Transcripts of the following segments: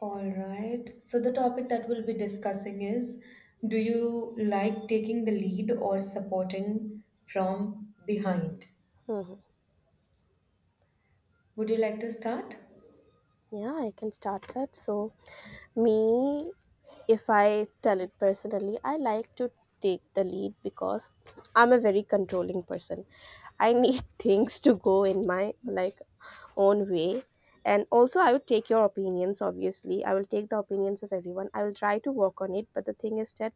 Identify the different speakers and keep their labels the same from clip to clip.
Speaker 1: All right. So the topic that we'll be discussing is, do you like taking the lead or supporting from behind? Would you like to start?
Speaker 2: Yeah, I can start that. So, me, if I tell it personally, I like to take the lead because I'm a very controlling person. I need things to go in my like own way. And also I would take your opinions, obviously. I will take the opinions of everyone. I will try to work on it, but the thing is that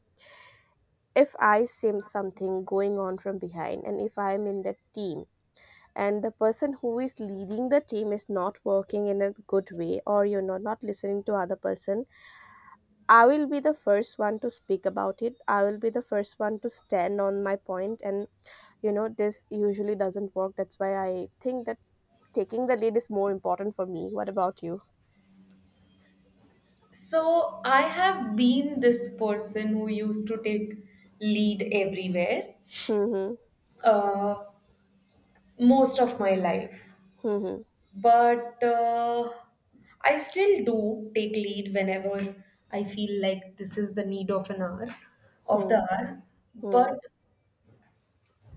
Speaker 2: if I see something going on from behind and if I'm in that team and the person who is leading the team is not working in a good way or not listening to other person. I will be the first one to speak about it. I will be the first one to stand on my point, and this usually doesn't work. That's why I think that taking the lead is more important for me. What about you?
Speaker 1: So I have been this person who used to take lead everywhere,
Speaker 2: Hmm.
Speaker 1: uh, most of my life.
Speaker 2: Hmm.
Speaker 1: But I still do take lead whenever I feel like this is the need of an hour, of the
Speaker 2: Hmm.
Speaker 1: hour.
Speaker 2: Hmm.
Speaker 1: But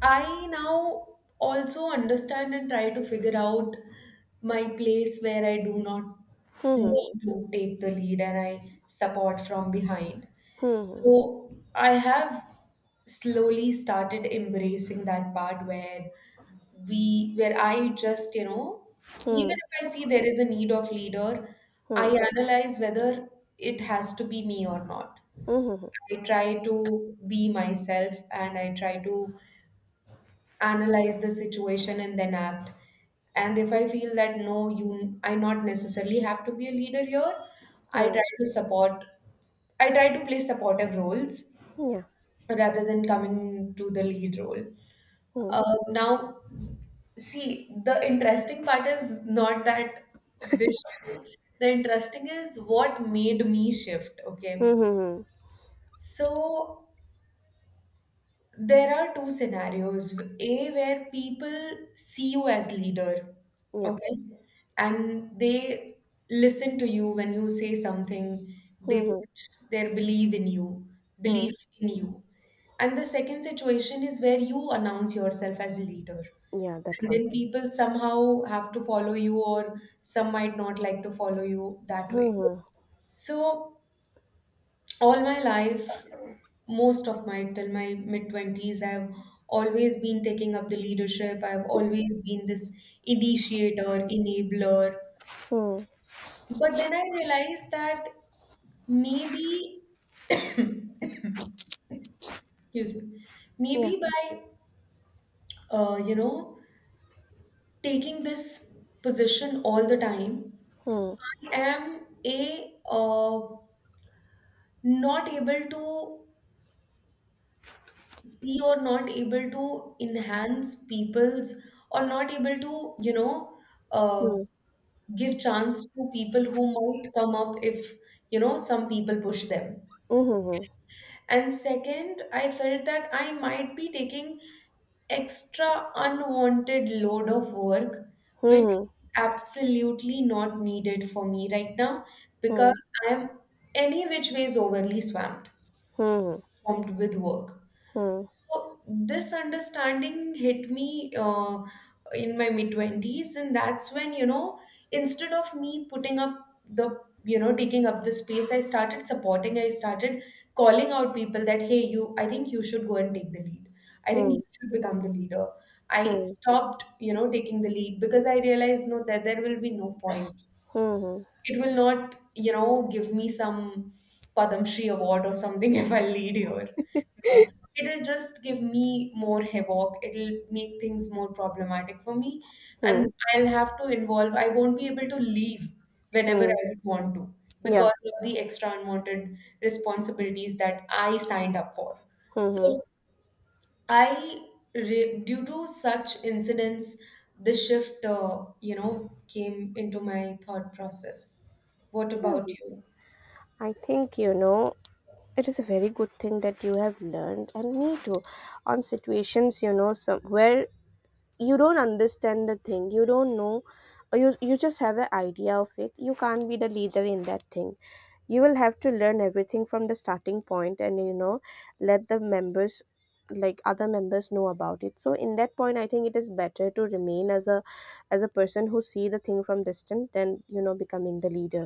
Speaker 1: I now also understand and try to figure out my place where I do not need
Speaker 2: Hmm.
Speaker 1: to take the lead, and I support from behind.
Speaker 2: Hmm. Hmm.
Speaker 1: So I have slowly started embracing that part where I just even
Speaker 2: Hmm.
Speaker 1: if I see there is a need of leader, I
Speaker 2: Hmm.
Speaker 1: analyze whether it has to be me or not. I try to be myself and I try to analyze the situation and then act. And if I feel that no, you, I not necessarily have to be a leader here,
Speaker 2: Hmm.
Speaker 1: i
Speaker 2: Hmm. Hmm,
Speaker 1: try to support I try to play supportive roles
Speaker 2: hmm, yeah.
Speaker 1: rather than coming to the lead role.
Speaker 2: Hmm.
Speaker 1: Now, see, the interesting part is not that this shift, the interesting is what made me shift. Okay.
Speaker 2: Hmm. Hmm.
Speaker 1: So there are two scenarios: A, where people see you as leader.
Speaker 2: Yep.
Speaker 1: Okay. And they listen to you when you say something.
Speaker 2: Hmm.
Speaker 1: They
Speaker 2: Yeah. Hmm.
Speaker 1: put their belief in you,
Speaker 2: Hmm,
Speaker 1: belief in you. And the second situation is where you announce yourself as a leader,
Speaker 2: hmm, yeah, that
Speaker 1: and
Speaker 2: one.
Speaker 1: then people somehow have to follow you, or some might not like to follow you that
Speaker 2: Hmm.
Speaker 1: way.
Speaker 2: Hmm.
Speaker 1: So all my life, most of my till my mid 20s, I've always been taking up the leadership. I've always been this initiator, enabler.
Speaker 2: Hmm.
Speaker 1: But then I realized that maybe — excuse me —
Speaker 2: Yeah.
Speaker 1: maybe by uh, you know taking this position all the time,
Speaker 2: Hmm.
Speaker 1: I am a not able to see, or not able to enhance people's, or not able to uh,
Speaker 2: Hmm.
Speaker 1: give chance to people who might come up if some people push them.
Speaker 2: Mhm.
Speaker 1: And second, I felt that I might be taking extra unwanted load of work, which
Speaker 2: Mhm.
Speaker 1: is absolutely not needed for me right now,
Speaker 2: Hmm.
Speaker 1: because I am any which ways overly swamped
Speaker 2: Hmm.
Speaker 1: swamped with work.
Speaker 2: Hmm.
Speaker 1: So this understanding hit me in my mid 20s, and that's when instead of me putting up the, you know, taking up the space, I started supporting, I started calling out people that, hey, you, I think you should go and take the lead. I think
Speaker 2: Hmm.
Speaker 1: you should become the leader. I
Speaker 2: Hmm.
Speaker 1: stopped taking the lead because I realized, no, that there will be no point.
Speaker 2: Hmm.
Speaker 1: It will not give me some Padam Shri award or something if I lead here know, it'll just give me more havoc. It'll make things more problematic for me.
Speaker 2: Hmm.
Speaker 1: And I'll have to involve, I won't be able to leave whenever
Speaker 2: Hmm.
Speaker 1: I would want to,
Speaker 2: Yeah.
Speaker 1: because of the extra unwanted responsibilities that I signed up for.
Speaker 2: Hmm.
Speaker 1: So I, due to such incidents, the shift, came into my thought process. What
Speaker 2: Yeah.
Speaker 1: about you?
Speaker 2: I think it is a very good thing that you have learned, and me too. On situations, some where you don't understand the thing, you don't know, or you just have an idea of it. You can't be the leader in that thing. You will have to learn everything from the starting point, and let the members, like other members, know about it. So in that point I think it is better to remain as a person who see the thing from distant than becoming the leader.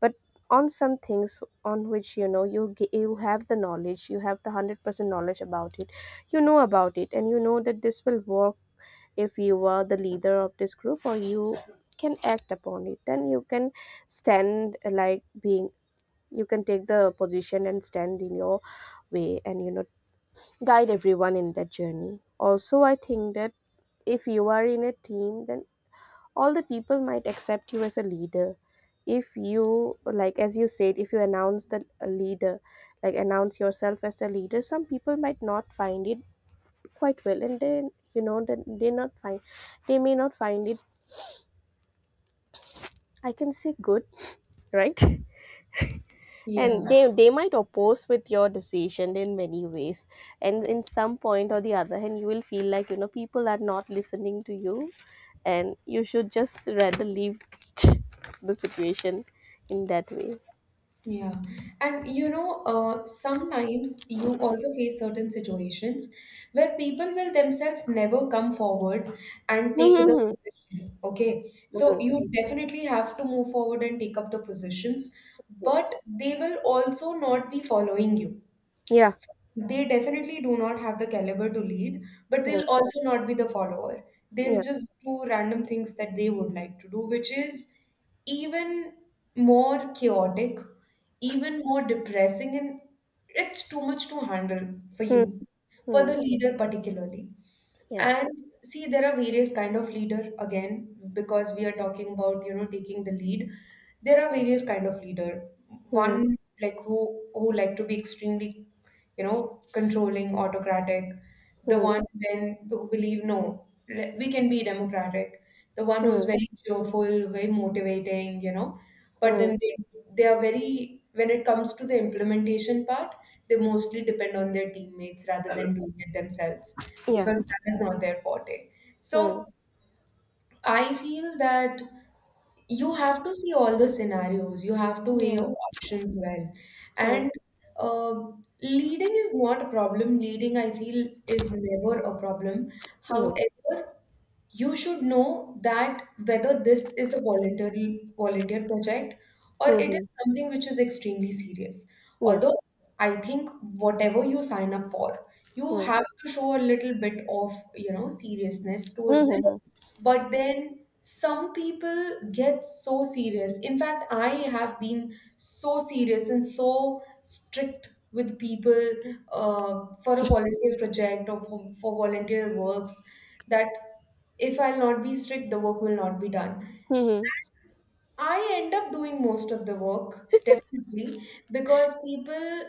Speaker 2: But on some things on which you have the knowledge, you have the 100% knowledge about it, you know about it, and you know that this will work. If you were the leader of this group, or you can act upon it, then you can stand, like being you can take the position and stand in your way, and guide everyone in that journey. Also, I think that if you are in a team, then all the people might accept you as a leader. If you, like, as you said, if you announce the leader, like announce yourself as a leader, some people might not find it quite well. And then you know that they may not find it, I can say, good. Right? And
Speaker 1: Yeah.
Speaker 2: they might oppose with your decision in many ways. And in some point or the other hand, you will feel like people are not listening to you, and you should just rather leave the situation, in that way.
Speaker 1: Yeah. And sometimes you also face certain situations where people will themselves never come forward and take the
Speaker 2: Mm-hmm.
Speaker 1: position. Okay. So
Speaker 2: Hmm.
Speaker 1: you definitely have to move forward and take up the positions, but they will also not be following you.
Speaker 2: Yeah.
Speaker 1: So they definitely do not have the caliber to lead, but
Speaker 2: Mm.
Speaker 1: they'll also not be the follower. They'll
Speaker 2: Yeah.
Speaker 1: just do random things that they would like to do, which is even more chaotic, even more depressing, and it's too much to handle for
Speaker 2: Mm.
Speaker 1: you, for
Speaker 2: Mm.
Speaker 1: the leader particularly.
Speaker 2: Yeah.
Speaker 1: And see, there are various kind of leader again, because we are talking about taking the lead. There are various kind of leader.
Speaker 2: Mm.
Speaker 1: One like who like to be extremely controlling, autocratic. The
Speaker 2: Mm.
Speaker 1: one then who believe, no, we can be democratic. The one who's
Speaker 2: Mm.
Speaker 1: very cheerful, very motivating. But
Speaker 2: Mm.
Speaker 1: then they are very, when it comes to the implementation part, they mostly depend on their teammates rather than doing it themselves,
Speaker 2: Yeah.
Speaker 1: because that is not their forte. So
Speaker 2: Mm.
Speaker 1: I feel that you have to see all the scenarios, you have to weigh
Speaker 2: Yeah.
Speaker 1: your options well.
Speaker 2: Mm.
Speaker 1: And uh, leading is not a problem. Leading, I feel, is never a problem.
Speaker 2: No.
Speaker 1: However, you should know that whether this is a voluntary volunteer project or it is
Speaker 2: Mm-hmm.
Speaker 1: something which is extremely serious.
Speaker 2: Yeah.
Speaker 1: Although I think whatever you sign up for, you
Speaker 2: Mm.
Speaker 1: have to show a little bit of seriousness towards it.
Speaker 2: Mm.
Speaker 1: But then some people get so serious. In fact, I have been so serious and so strict with people for a volunteer project or for volunteer works, that if I'll not be strict, the work will not be done.
Speaker 2: Mm.
Speaker 1: I end up doing most of the work, definitely, because people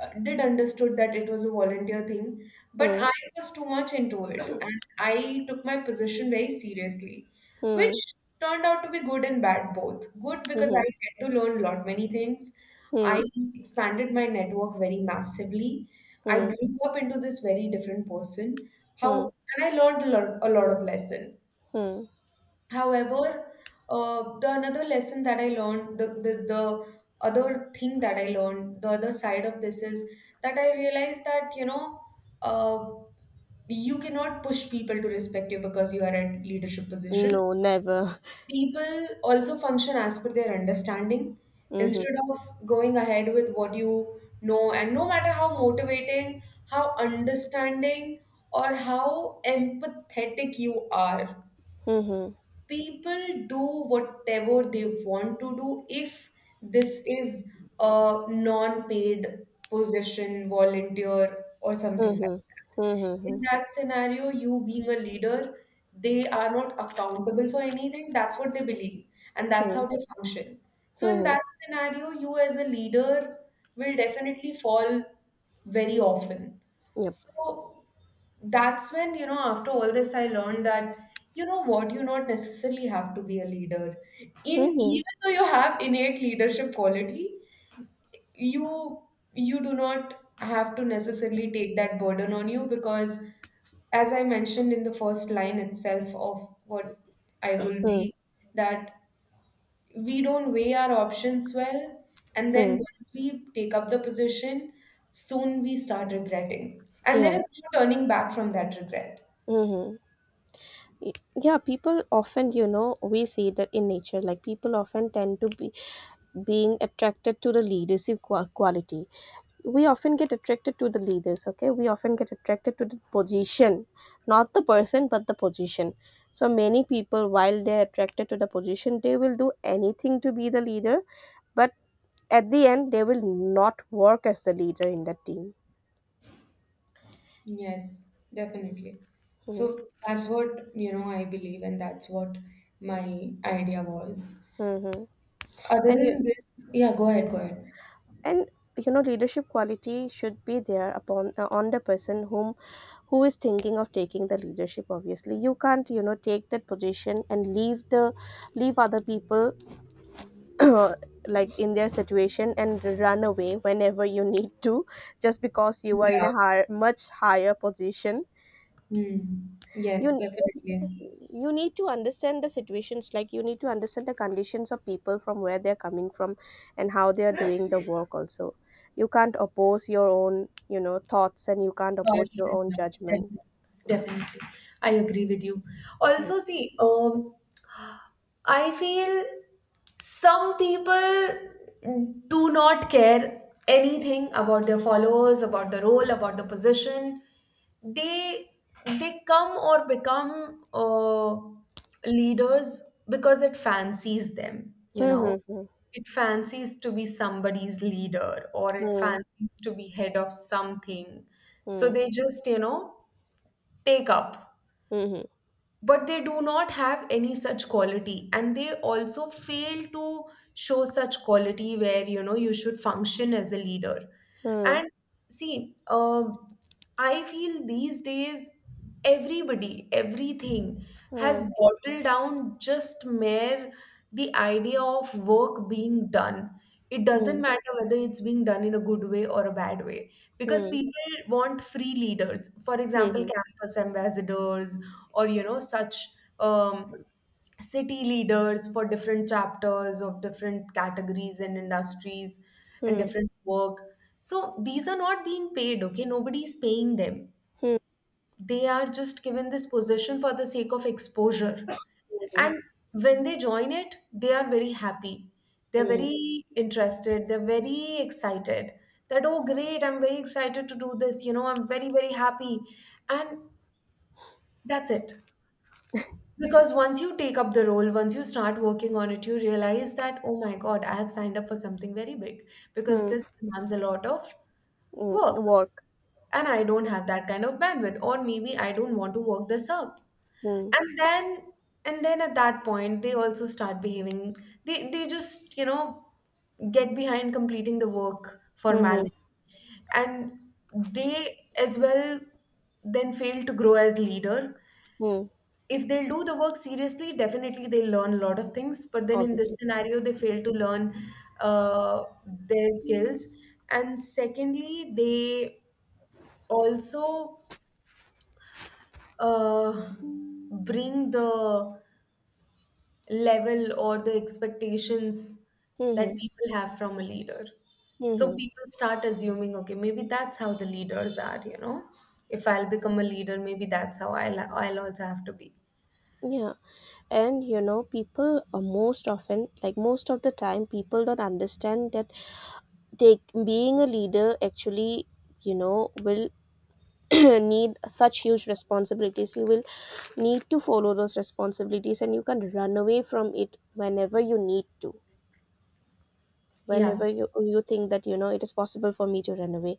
Speaker 1: did understood that it was a volunteer thing, but
Speaker 2: Mm.
Speaker 1: I was too much into it, and I took my position very seriously, which
Speaker 2: Mm.
Speaker 1: turned out to be good and bad both. Good because I
Speaker 2: Mm-hmm.
Speaker 1: get to learn a lot many things. I
Speaker 2: Mm.
Speaker 1: expanded my network very massively. I
Speaker 2: Mm.
Speaker 1: grew up into this very different person.
Speaker 2: Mm.
Speaker 1: How and I learned a lot of lesson.
Speaker 2: Hmm.
Speaker 1: However, the another lesson that I learned, the other thing that I learned, the other side of this is that I realized that, uh, you cannot push people to respect you because you are at leadership position.
Speaker 2: No, never.
Speaker 1: People also function as per their understanding
Speaker 2: Mhm.
Speaker 1: instead of going ahead with what you know. And no matter how motivating, how understanding, or how empathetic you are,
Speaker 2: Mhm.
Speaker 1: people do whatever they want to do if this is a non-paid position, volunteer, or something
Speaker 2: Mhm.
Speaker 1: like, in
Speaker 2: Mhm.
Speaker 1: that scenario, you being a leader, they are not accountable for anything. That's what they believe, and that's how
Speaker 2: Mhm.
Speaker 1: they function. So, in
Speaker 2: Mhm.
Speaker 1: that scenario, you as a leader will definitely fall very often.
Speaker 2: Yep.
Speaker 1: So, that's when after all this, I learned that, you know what, you not necessarily have to be a leader. In
Speaker 2: Mhm.
Speaker 1: even though you have innate leadership quality, you you do not have to necessarily take that burden on you, because as I mentioned in the first line itself of what I will
Speaker 2: Mhm.
Speaker 1: be, that we don't weigh our options well, and then
Speaker 2: Mhm.
Speaker 1: once we take up the position, soon we start regretting, and
Speaker 2: Yeah.
Speaker 1: there is no turning back from that regret.
Speaker 2: Mhm. Y- Yeah, people often, we see that in nature, like people often tend to be being attracted to the leadership quality. We often get attracted to the leaders. Okay? We often get attracted to the position, not the person, but the position. So many people, while they're attracted to the position, they will do anything to be the leader, but at the end they will not work as the leader in the team.
Speaker 1: Yes, definitely. So that's what I believe, and that's what my idea was.
Speaker 2: Mm-hmm.
Speaker 1: Other
Speaker 2: And you.
Speaker 1: than this, yeah, go ahead, go ahead.
Speaker 2: And, leadership quality should be there upon, on the person who is thinking of taking the leadership. Obviously, you can't, take that position and leave the leave other people. Like in their situation, and run away whenever you need to, just because you are in
Speaker 1: Yeah.
Speaker 2: a higher, much higher position.
Speaker 1: Mm. Yes,
Speaker 2: you
Speaker 1: definitely.
Speaker 2: you need to understand the situations, like you need to understand the conditions of people from where they're coming from, and how they are doing the work. Also, you can't oppose your own, thoughts, and you can't oppose
Speaker 1: Yes,
Speaker 2: your own judgment.
Speaker 1: definitely. Definitely. I agree with you. Also, see, I feel some people do not care anything about their followers, about the role, about the position. They they come or become leaders because it fancies them.
Speaker 2: Hmm. Hmm.
Speaker 1: It fancies to be somebody's leader, or it
Speaker 2: Hmm.
Speaker 1: fancies to be head of something. So
Speaker 2: Hmm.
Speaker 1: they just take up,
Speaker 2: Hmm.
Speaker 1: but they do not have any such quality, and they also fail to show such quality where you should function as a leader.
Speaker 2: Hmm.
Speaker 1: And see, I feel these days everybody everything has bottled down just mere the idea of work being done. It doesn't
Speaker 2: Hmm.
Speaker 1: matter whether it's being done in a good way or a bad way, because
Speaker 2: Hmm.
Speaker 1: people want free leaders. For
Speaker 2: Hmm. Hmm.
Speaker 1: example,
Speaker 2: Hmm.
Speaker 1: campus ambassadors, or such um, city leaders for different chapters of different categories and industries, and
Speaker 2: Hmm.
Speaker 1: different work. So these are not being paid. Okay, nobody's paying them.
Speaker 2: Hmm.
Speaker 1: They are just given this position for the sake of exposure. And when they join it, they are very happy. They're very interested. They're very excited that, oh, great, I'm very excited to do this. I'm very, very happy. And that's it. Because once you take up the role, once you start working on it, you realize that, oh my God, I have signed up for something very big, because
Speaker 2: Hmm.
Speaker 1: this demands a lot of
Speaker 2: Hmm.
Speaker 1: work.
Speaker 2: Hmm. Work.
Speaker 1: And I don't have that kind of bandwidth, or maybe I don't want to work this up.
Speaker 2: Hmm.
Speaker 1: and then and then at that point they also start behaving, they just get behind completing the work
Speaker 2: Hmm. Hmm.
Speaker 1: formality. And they as well then fail to grow as leader.
Speaker 2: Hmm.
Speaker 1: If they'll do the work seriously, definitely they'll learn a lot of things, but then in this
Speaker 2: Obviously.
Speaker 1: scenario they fail to learn their skills. And secondly, they also uh, bring the level or the expectations
Speaker 2: Hmm.
Speaker 1: that
Speaker 2: Hmm.
Speaker 1: people have from a leader.
Speaker 2: Hmm.
Speaker 1: So
Speaker 2: Hmm.
Speaker 1: people start assuming, okay, maybe that's how the leaders are. If I'll become a leader, maybe that's how I'll also have to be.
Speaker 2: Yeah, and people are most often, like most of the time, people don't understand that. Take being a leader, actually, will need such huge responsibilities. You will need to follow those responsibilities, and you can run away from it whenever you need to.
Speaker 1: Yeah.
Speaker 2: Whenever you think that you know it is possible for me to run away,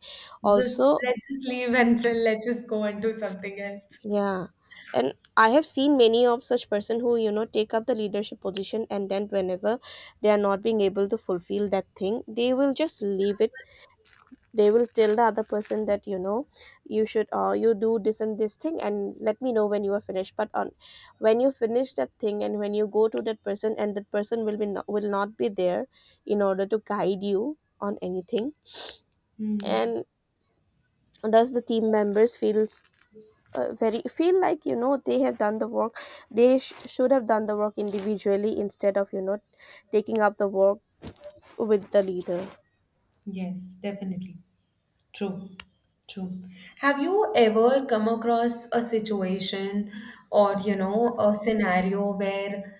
Speaker 1: Just
Speaker 2: also.
Speaker 1: let's just leave and so let's just go and do something else.
Speaker 2: Yeah. And I have seen many of such person who, take up the leadership position, and then whenever they are not being able to fulfill that thing, they will just leave it. They will tell the other person that, you do this and this thing, and let me know when you are finished. But on when you finish that thing, and when you go to that person, and that person will not be there in order to guide you on anything.
Speaker 1: Hmm.
Speaker 2: And thus the team members feel like they have done the work. They should have done the work individually, instead of taking up the work with the leader.
Speaker 1: Yes, definitely. True, true. Have you ever come across a situation or, you know, a scenario where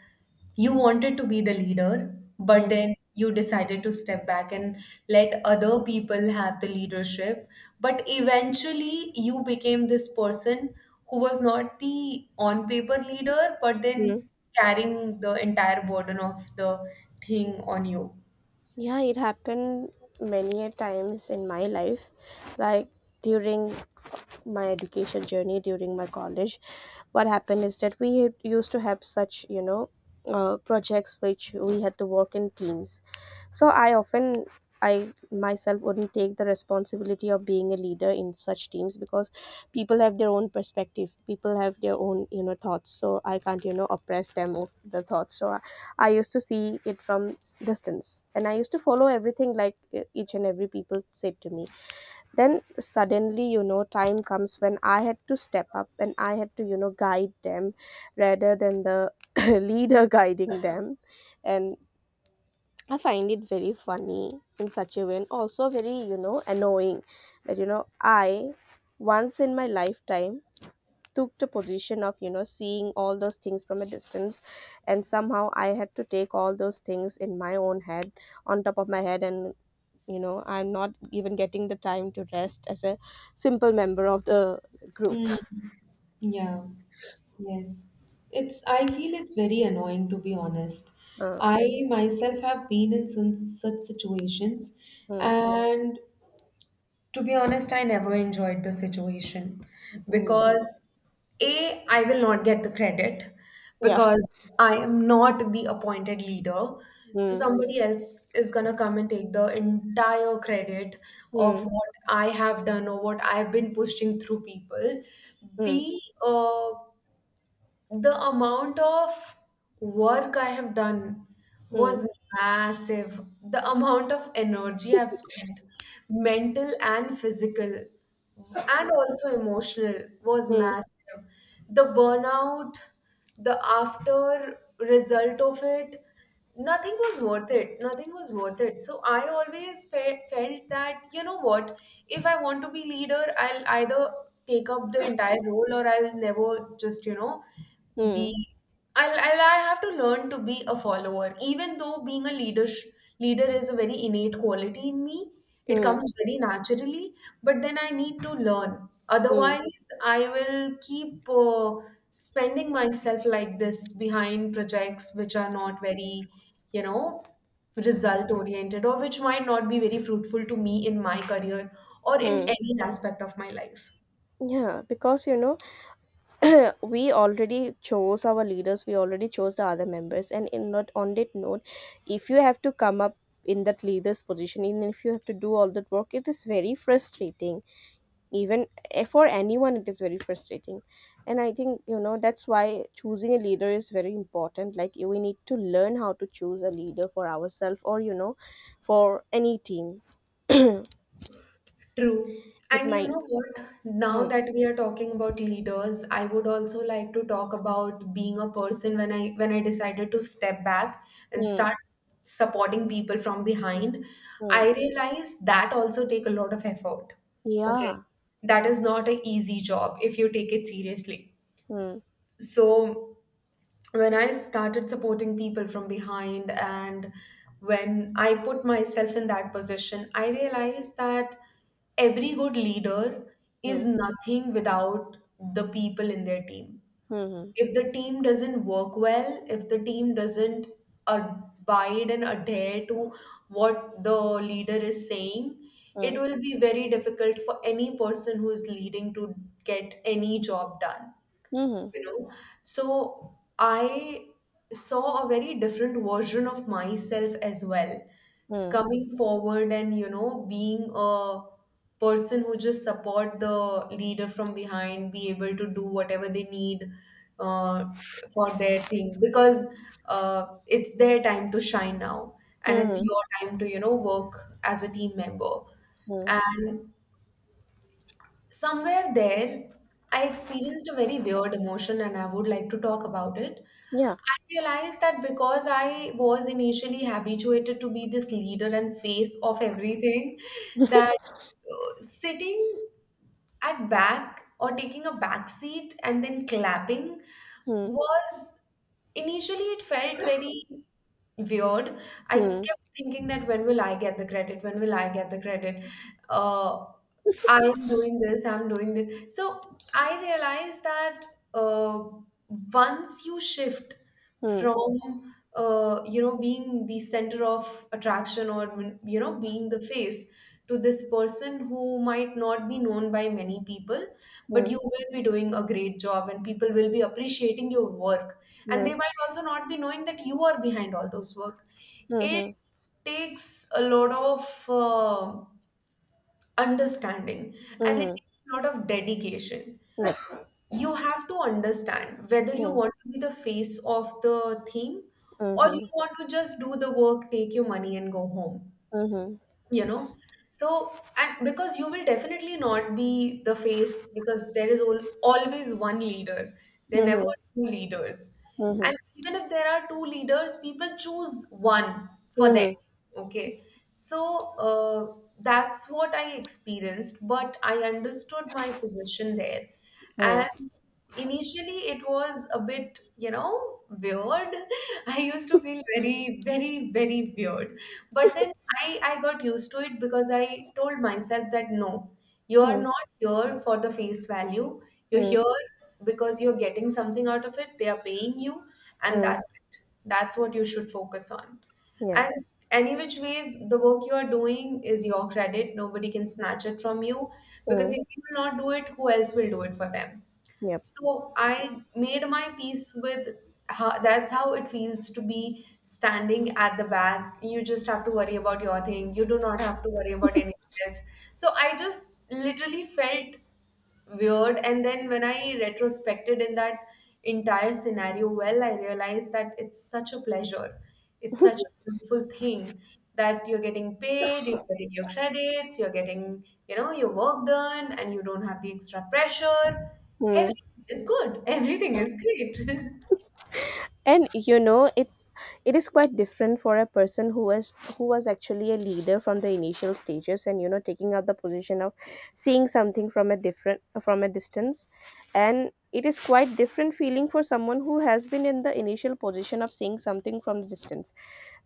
Speaker 1: you wanted to be the leader, but then you decided to step back and let other people have the leadership, but eventually you became this person who was not the on paper leader, but
Speaker 2: Mm.
Speaker 1: then carrying the entire burden of the thing on you?
Speaker 2: Yeah, it happened many a times in my life, like during my education journey, during my college. What happened is that used to have such, projects which we had to work in teams. So I myself wouldn't take the responsibility of being a leader in such teams, because people have their own perspective, people have their own, thoughts. So I can't, oppress them with the thoughts. So I used to see it from distance, and I used to follow everything, like each and every people said to me. Then suddenly, time comes when I had to step up, and I had to, guide them, rather than the leader guiding them. And I find it very funny in such a way, and also very, annoying, that I, once in my lifetime, took the position of, seeing all those things from a distance, and somehow I had to take all those things in my own head, on top of my head. And I'm not even getting the time to rest as a simple member of the group.
Speaker 1: Yeah. Yes. It's I feel it's very annoying to be honest.
Speaker 2: uh,
Speaker 1: I myself have been in such situations
Speaker 2: mm.
Speaker 1: and to be honest, I never enjoyed the situation
Speaker 2: Mm.
Speaker 1: because A, I will not get the credit
Speaker 2: Yeah.
Speaker 1: because I am not the appointed leader. So
Speaker 2: Mm.
Speaker 1: somebody else is gonna come and take the entire credit of
Speaker 2: Mm.
Speaker 1: what I have done or what I've been pushing through people.
Speaker 2: Mm.
Speaker 1: B, the amount of work I have done
Speaker 2: Mm.
Speaker 1: was massive. The amount of energy I've spent, mental and physical, and also emotional, was
Speaker 2: Mm.
Speaker 1: massive. The burnout, the after result of it, nothing was worth it, nothing was worth it. So I always felt that, you know what, if I want to be leader, I'll either take up the entire role or I'll never just, you know, be.
Speaker 2: Mm.
Speaker 1: I have to learn to be a follower, even though being a leader is a very innate quality in me. It
Speaker 2: Mm.
Speaker 1: comes very naturally, but then I need to learn.
Speaker 2: Mm.
Speaker 1: Otherwise, I will keep spending myself like this behind projects which are not very, you know, result oriented, or which might not be very fruitful to me in my career or in
Speaker 2: Mm.
Speaker 1: any aspect of my life.
Speaker 2: Yeah, because we already chose our leaders, we already chose the other members, and in not on that note, if you have to come up in that leader's position, and if you have to do all that work, it is very frustrating. Even for anyone, it is very frustrating. And I think, that's why choosing a leader is very important, like we need to learn how to choose a leader for ourselves, or for any team.
Speaker 1: True.
Speaker 2: It
Speaker 1: And you
Speaker 2: might.
Speaker 1: know what? Now
Speaker 2: Hmm.
Speaker 1: that we are talking about leaders, I would also like to talk about being a person when I decided to step back and
Speaker 2: Hmm.
Speaker 1: start supporting people from behind,
Speaker 2: Hmm.
Speaker 1: I realized that also take a lot of effort. Okay.
Speaker 2: Yeah.
Speaker 1: That is not an easy job if you take it seriously.
Speaker 2: Hmm.
Speaker 1: So when I started supporting people from behind and when I put myself in that position, I realized that every good leader
Speaker 2: Hmm.
Speaker 1: is nothing without the people in their team.
Speaker 2: Hmm. Hmm.
Speaker 1: If the team doesn't work well, if the team doesn't abide and adhere to what the leader is saying,
Speaker 2: Hmm.
Speaker 1: it will be very difficult for any person who is leading to get any job done,
Speaker 2: Hmm.
Speaker 1: you know. So I saw a very different version of myself as well,
Speaker 2: Mm,
Speaker 1: coming forward and, you know, being a person who just support the leader from behind, be able to do whatever they need uh, for their thing, because it's their time to shine now and it's
Speaker 2: mhm,
Speaker 1: your time to, you know, work as a team member.
Speaker 2: mm.
Speaker 1: And somewhere there, I experienced a very weird emotion and I would like to talk about it.
Speaker 2: Yeah.
Speaker 1: I realized that because I was initially habituated to be this leader and face of everything, that sitting at back or taking a back seat and then clapping
Speaker 2: Mm,
Speaker 1: was, initially it felt very weird. I
Speaker 2: mm,
Speaker 1: kept thinking that, when will I get the credit? When will I get the credit? Uh, I am doing this, I'm doing this. So I realized that uh, once you shift
Speaker 2: mm,
Speaker 1: from you know, being the center of attraction or, you know, being the face to this person who might not be known by many people, but you
Speaker 2: mm,
Speaker 1: will be doing a great job and people will be appreciating your work. And they
Speaker 2: mm,
Speaker 1: might also not be knowing that you are behind all those work. It
Speaker 2: mhm,
Speaker 1: takes a lot of understanding, and it
Speaker 2: mhm,
Speaker 1: takes a lot of dedication.
Speaker 2: mm,
Speaker 1: You have to understand whether you
Speaker 2: mm,
Speaker 1: want to be the face of the thing, or you
Speaker 2: mhm,
Speaker 1: want to just do the work, take your money, and go home,
Speaker 2: mhm,
Speaker 1: you know. So, and because you will definitely not be the face, because there is al always one leader, there are never
Speaker 2: mhm,
Speaker 1: two leaders,
Speaker 2: mhm,
Speaker 1: and
Speaker 2: mhm,
Speaker 1: even if there are two leaders, people choose one for
Speaker 2: mm,
Speaker 1: them. Okay. So uh, that's what I experienced, but I understood my position there. And initially it was a bit, you know, weird. I used to feel very, very weird. But then I got used to it because I told myself that, no, you're
Speaker 2: mm,
Speaker 1: not here for the face value. You're
Speaker 2: mm,
Speaker 1: here because you're getting something out of it. They are paying you, and
Speaker 2: mm.
Speaker 1: that's it. That's what you should focus on.
Speaker 2: Yeah.
Speaker 1: And any which ways, the work you are doing is your credit. Nobody can snatch it from you, because if
Speaker 2: Mm,
Speaker 1: you will not do it, who else will do it for them?
Speaker 2: yep.
Speaker 1: So I made my peace with how, that's how it feels to be standing at the back. You just have to worry about your thing. You do not have to worry about anything else. So I just literally felt weird, and then when I retrospected in that entire scenario, well, I realized that it's such a pleasure, it's such a beautiful thing, that you're getting paid, you're getting your credits, you're getting, you know, your work done, and you don't have the extra pressure.
Speaker 2: Mm.
Speaker 1: Everything is good. Everything is great.
Speaker 2: And it is quite different for a person who was actually a leader from the initial stages, and taking up the position of seeing something from a different from a distance. And it is quite different feeling for someone who has been in the initial position of seeing something from the distance.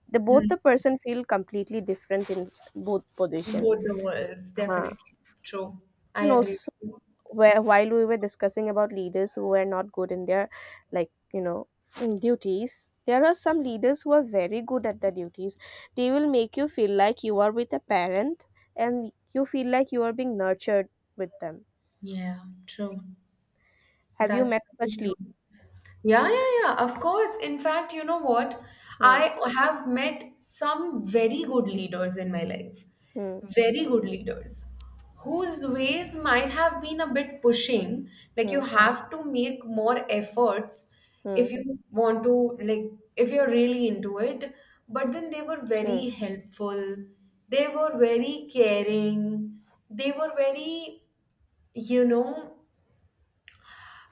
Speaker 2: The both
Speaker 1: Hmm.
Speaker 2: the person feel completely different in both position.
Speaker 1: Both the worlds,
Speaker 2: Uh-huh.
Speaker 1: definitely. True. I
Speaker 2: And
Speaker 1: agree
Speaker 2: also,
Speaker 1: with you.
Speaker 2: where while we were discussing about leaders who were not good in their, like, in duties, there are some leaders who are very good at their duties. They will make you feel like you are with a parent, and you feel like you are being nurtured with them.
Speaker 1: Yeah. True.
Speaker 2: Have you
Speaker 1: That's
Speaker 2: met
Speaker 1: very
Speaker 2: such
Speaker 1: true.
Speaker 2: leaders?
Speaker 1: Yeah, yeah, yeah, of course. In fact, you know what? I
Speaker 2: Hmm.
Speaker 1: have met some very good leaders in my life,
Speaker 2: Hmm.
Speaker 1: very good leaders, whose ways might have been a bit pushing. Like, you
Speaker 2: Hmm.
Speaker 1: have to make more efforts if you want to, like, if you're really into it. But then they were very
Speaker 2: Hmm.
Speaker 1: helpful, they were very caring, they were very, you know,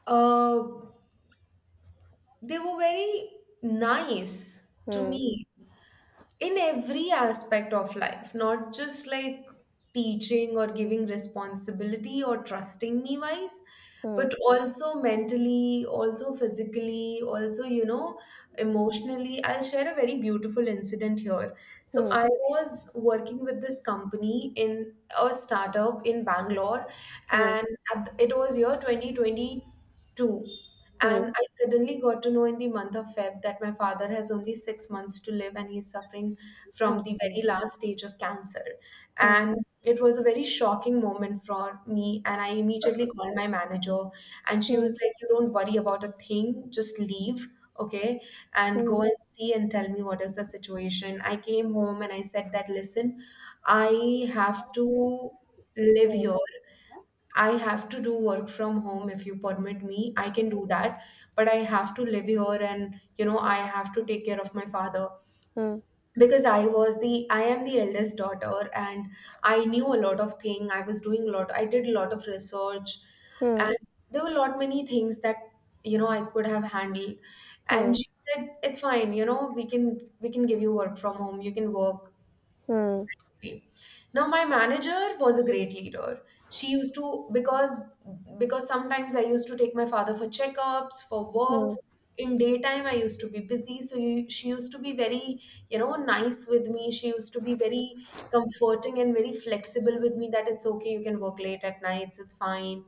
Speaker 1: uh, they were very nice to
Speaker 2: Hmm.
Speaker 1: me in every aspect of life, not just like teaching or giving responsibility or trusting me wise,
Speaker 2: Hmm.
Speaker 1: but also mentally, also physically, also, you know, emotionally. I'll share a very beautiful incident here.
Speaker 2: Hmm.
Speaker 1: So,
Speaker 2: Hmm.
Speaker 1: I was working with this company in a startup in Bangalore,
Speaker 2: Hmm.
Speaker 1: and at, it was year 2022. True.
Speaker 2: Hmm.
Speaker 1: And I suddenly got to know in the month of Feb that my father has only 6 months to live and he's suffering from the
Speaker 2: Okay.
Speaker 1: very last stage of cancer.
Speaker 2: Hmm.
Speaker 1: And it was a very shocking moment for me. And I immediately called my manager, and she was
Speaker 2: Hmm.
Speaker 1: like, "You don't worry about a thing, just leave, okay? And go
Speaker 2: Hmm.
Speaker 1: and see and tell me what is the situation." I came home and I said that, "Listen, I have to live
Speaker 2: Hmm.
Speaker 1: here, I have to do work from home if you permit me. I can do that, but I have to live here, and, you know, I have to take care of my father,
Speaker 2: Hmm.
Speaker 1: because I am the eldest daughter, and I knew a lot of thing. I was doing a lot. I did a lot of research, and
Speaker 2: Hmm.
Speaker 1: there were a lot many things that, you know, I could have handled."
Speaker 2: Hmm.
Speaker 1: And
Speaker 2: Hmm.
Speaker 1: she said, "It's fine, you know, we can give you work from home. You can work."
Speaker 2: Hmm.
Speaker 1: Now, my manager was a great leader. She used to, because sometimes I used to take my father for checkups, for
Speaker 2: Hmm.
Speaker 1: works. In daytime, I used to be busy, so she used to be very, you know, nice with me. She used to be very comforting and very flexible with me, that it's okay, you can work late at nights, it's fine.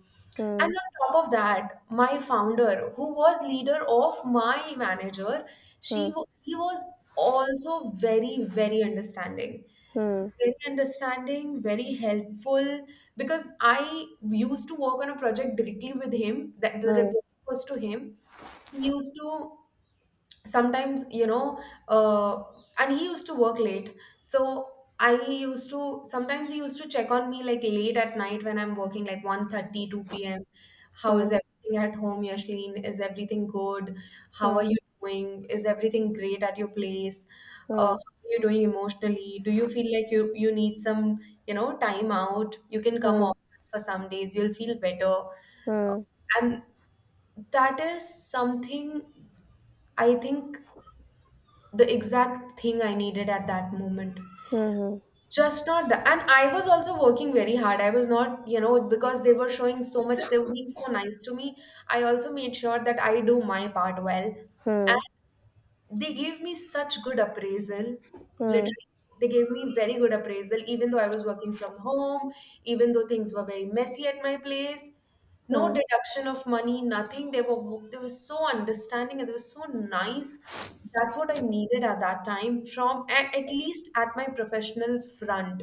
Speaker 1: And
Speaker 2: Hmm.
Speaker 1: on top of that, my founder, who was leader of my manager, she
Speaker 2: Hmm.
Speaker 1: he was also very, very understanding,
Speaker 2: Hmm.
Speaker 1: very understanding, very helpful, because I used to work on a project directly with him, that the
Speaker 2: Hmm.
Speaker 1: report was to him. He used to sometimes, you know, uh, and he used to work late. So I used to sometimes he used to check on me, like late at night when I'm working, like one thirty two p.m, "How
Speaker 2: Hmm.
Speaker 1: is everything at home, Yashlin? Is everything good? How are
Speaker 2: Hmm.
Speaker 1: you doing? Is everything great at your place? Uh,
Speaker 2: Hmm.
Speaker 1: how are you doing emotionally? Do you feel like you need some, you know, time out? You can come
Speaker 2: Hmm.
Speaker 1: office for some days, you'll feel better."
Speaker 2: Hmm.
Speaker 1: And that is something, I think, the exact thing I needed at that moment.
Speaker 2: Hmm.
Speaker 1: Just not that. And I was also working very hard. I was not, you know, because they were showing so much, they were being so nice to me. I also made sure that I do my part well.
Speaker 2: Hmm.
Speaker 1: They gave me such good appraisal.
Speaker 2: Hmm.
Speaker 1: Literally, they gave me very good appraisal, even though I was working from home, even though things were very messy at my place. No
Speaker 2: Hmm.
Speaker 1: deduction of money, nothing. They were so understanding and they were so nice. That's what I needed at that time from at least at my professional front.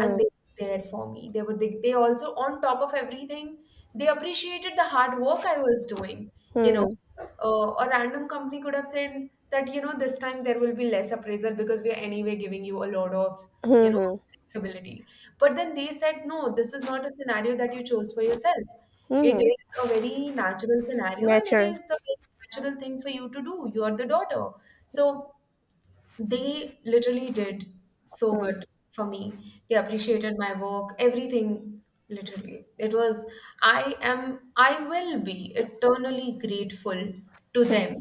Speaker 1: And they were there for me. They also, on top of everything, they appreciated the hard work I was doing, you know.
Speaker 2: Hmm.
Speaker 1: A random company could have said that, you know, this time there will be less appraisal because we are anyway giving you a lot of, you
Speaker 2: Hmm.
Speaker 1: know,
Speaker 2: Hmm.
Speaker 1: flexibility. But then they said, no, this is not a scenario that you chose for yourself. It
Speaker 2: hmm.
Speaker 1: is a very natural scenario and it
Speaker 2: Nature.
Speaker 1: is the very natural thing for you to do. You are the daughter. So they literally did so
Speaker 2: Hmm.
Speaker 1: good for me. They appreciated my work, everything, literally. It was, I will be eternally grateful to them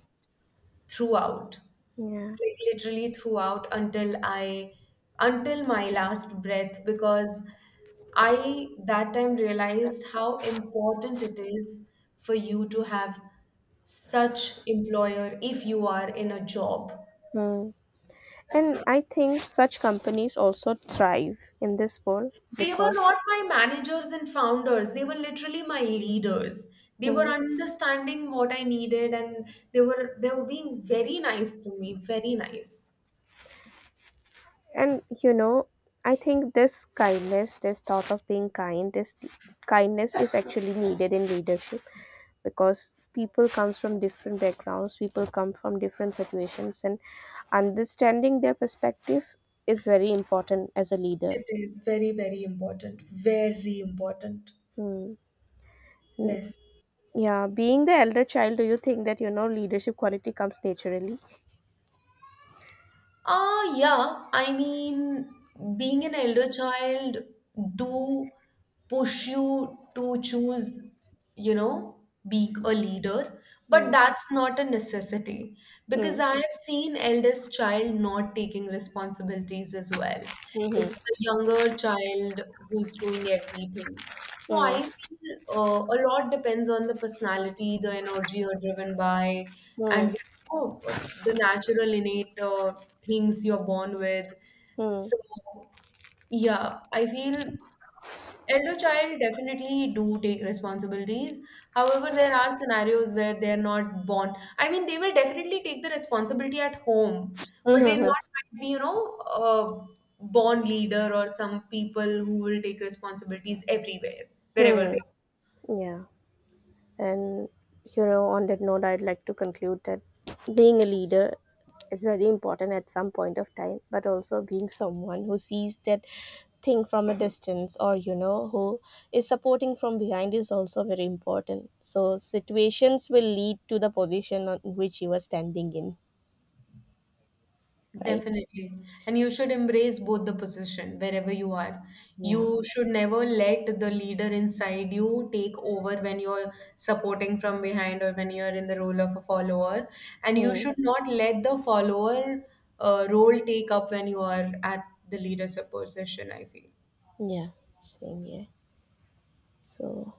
Speaker 1: throughout,
Speaker 2: Yeah.
Speaker 1: like literally throughout until I, until my last breath, because I that time realized how important it is for you to have such employer if you are in a job.
Speaker 2: Hmm. And I think such companies also thrive in this world,
Speaker 1: They were
Speaker 2: because.
Speaker 1: not my managers and founders. They were literally my leaders. They were
Speaker 2: Hmm.
Speaker 1: understanding what I needed and they were being very nice to me, very nice.
Speaker 2: And, I think this kindness, this thought of being kind, this kindness is actually needed in leadership, because people comes from different backgrounds, people come from different situations, and understanding their perspective is very important as a leader.
Speaker 1: It is very, very important. Very important.
Speaker 2: Hmm. Mm.
Speaker 1: Yes.
Speaker 2: Yeah, being the elder child, do you think that leadership quality comes naturally?
Speaker 1: Ah, yeah. I mean, being an elder child do push you to choose, you know, be a leader, but
Speaker 2: Mm.
Speaker 1: that's not a necessity, because
Speaker 2: Mm.
Speaker 1: I have seen eldest child not taking responsibilities as well. It's
Speaker 2: Mm-hmm.
Speaker 1: the younger child who's doing everything. So I
Speaker 2: Mm.
Speaker 1: feel a lot depends on the personality, the energy you're driven by,
Speaker 2: Mm.
Speaker 1: and oh, the natural innate things you're born with.
Speaker 2: Mm.
Speaker 1: So, yeah, I feel elder child definitely do take responsibilities. However, there are scenarios where they're not born. I mean, they will definitely take the responsibility at home, but they're
Speaker 2: Mm-hmm.
Speaker 1: not, might be, you know, a born leader, or some people who will take responsibilities everywhere, wherever they are.
Speaker 2: Mm-hmm. Yeah. And, on that note, I'd like to conclude that being a leader is very important at some point of time, but also being someone who sees that thing from a distance, or who is supporting from behind is also very important. So situations will lead to the position on which you are standing in. Right?
Speaker 1: Definitely. And you should embrace both the position wherever you are.
Speaker 2: Yeah.
Speaker 1: You should never let the leader inside you take over when you're supporting from behind or when you're in the role of a follower. And you
Speaker 2: Hmm.
Speaker 1: should not let the follower role take up when you are at the leader's position, I feel.
Speaker 2: Yeah, same here. So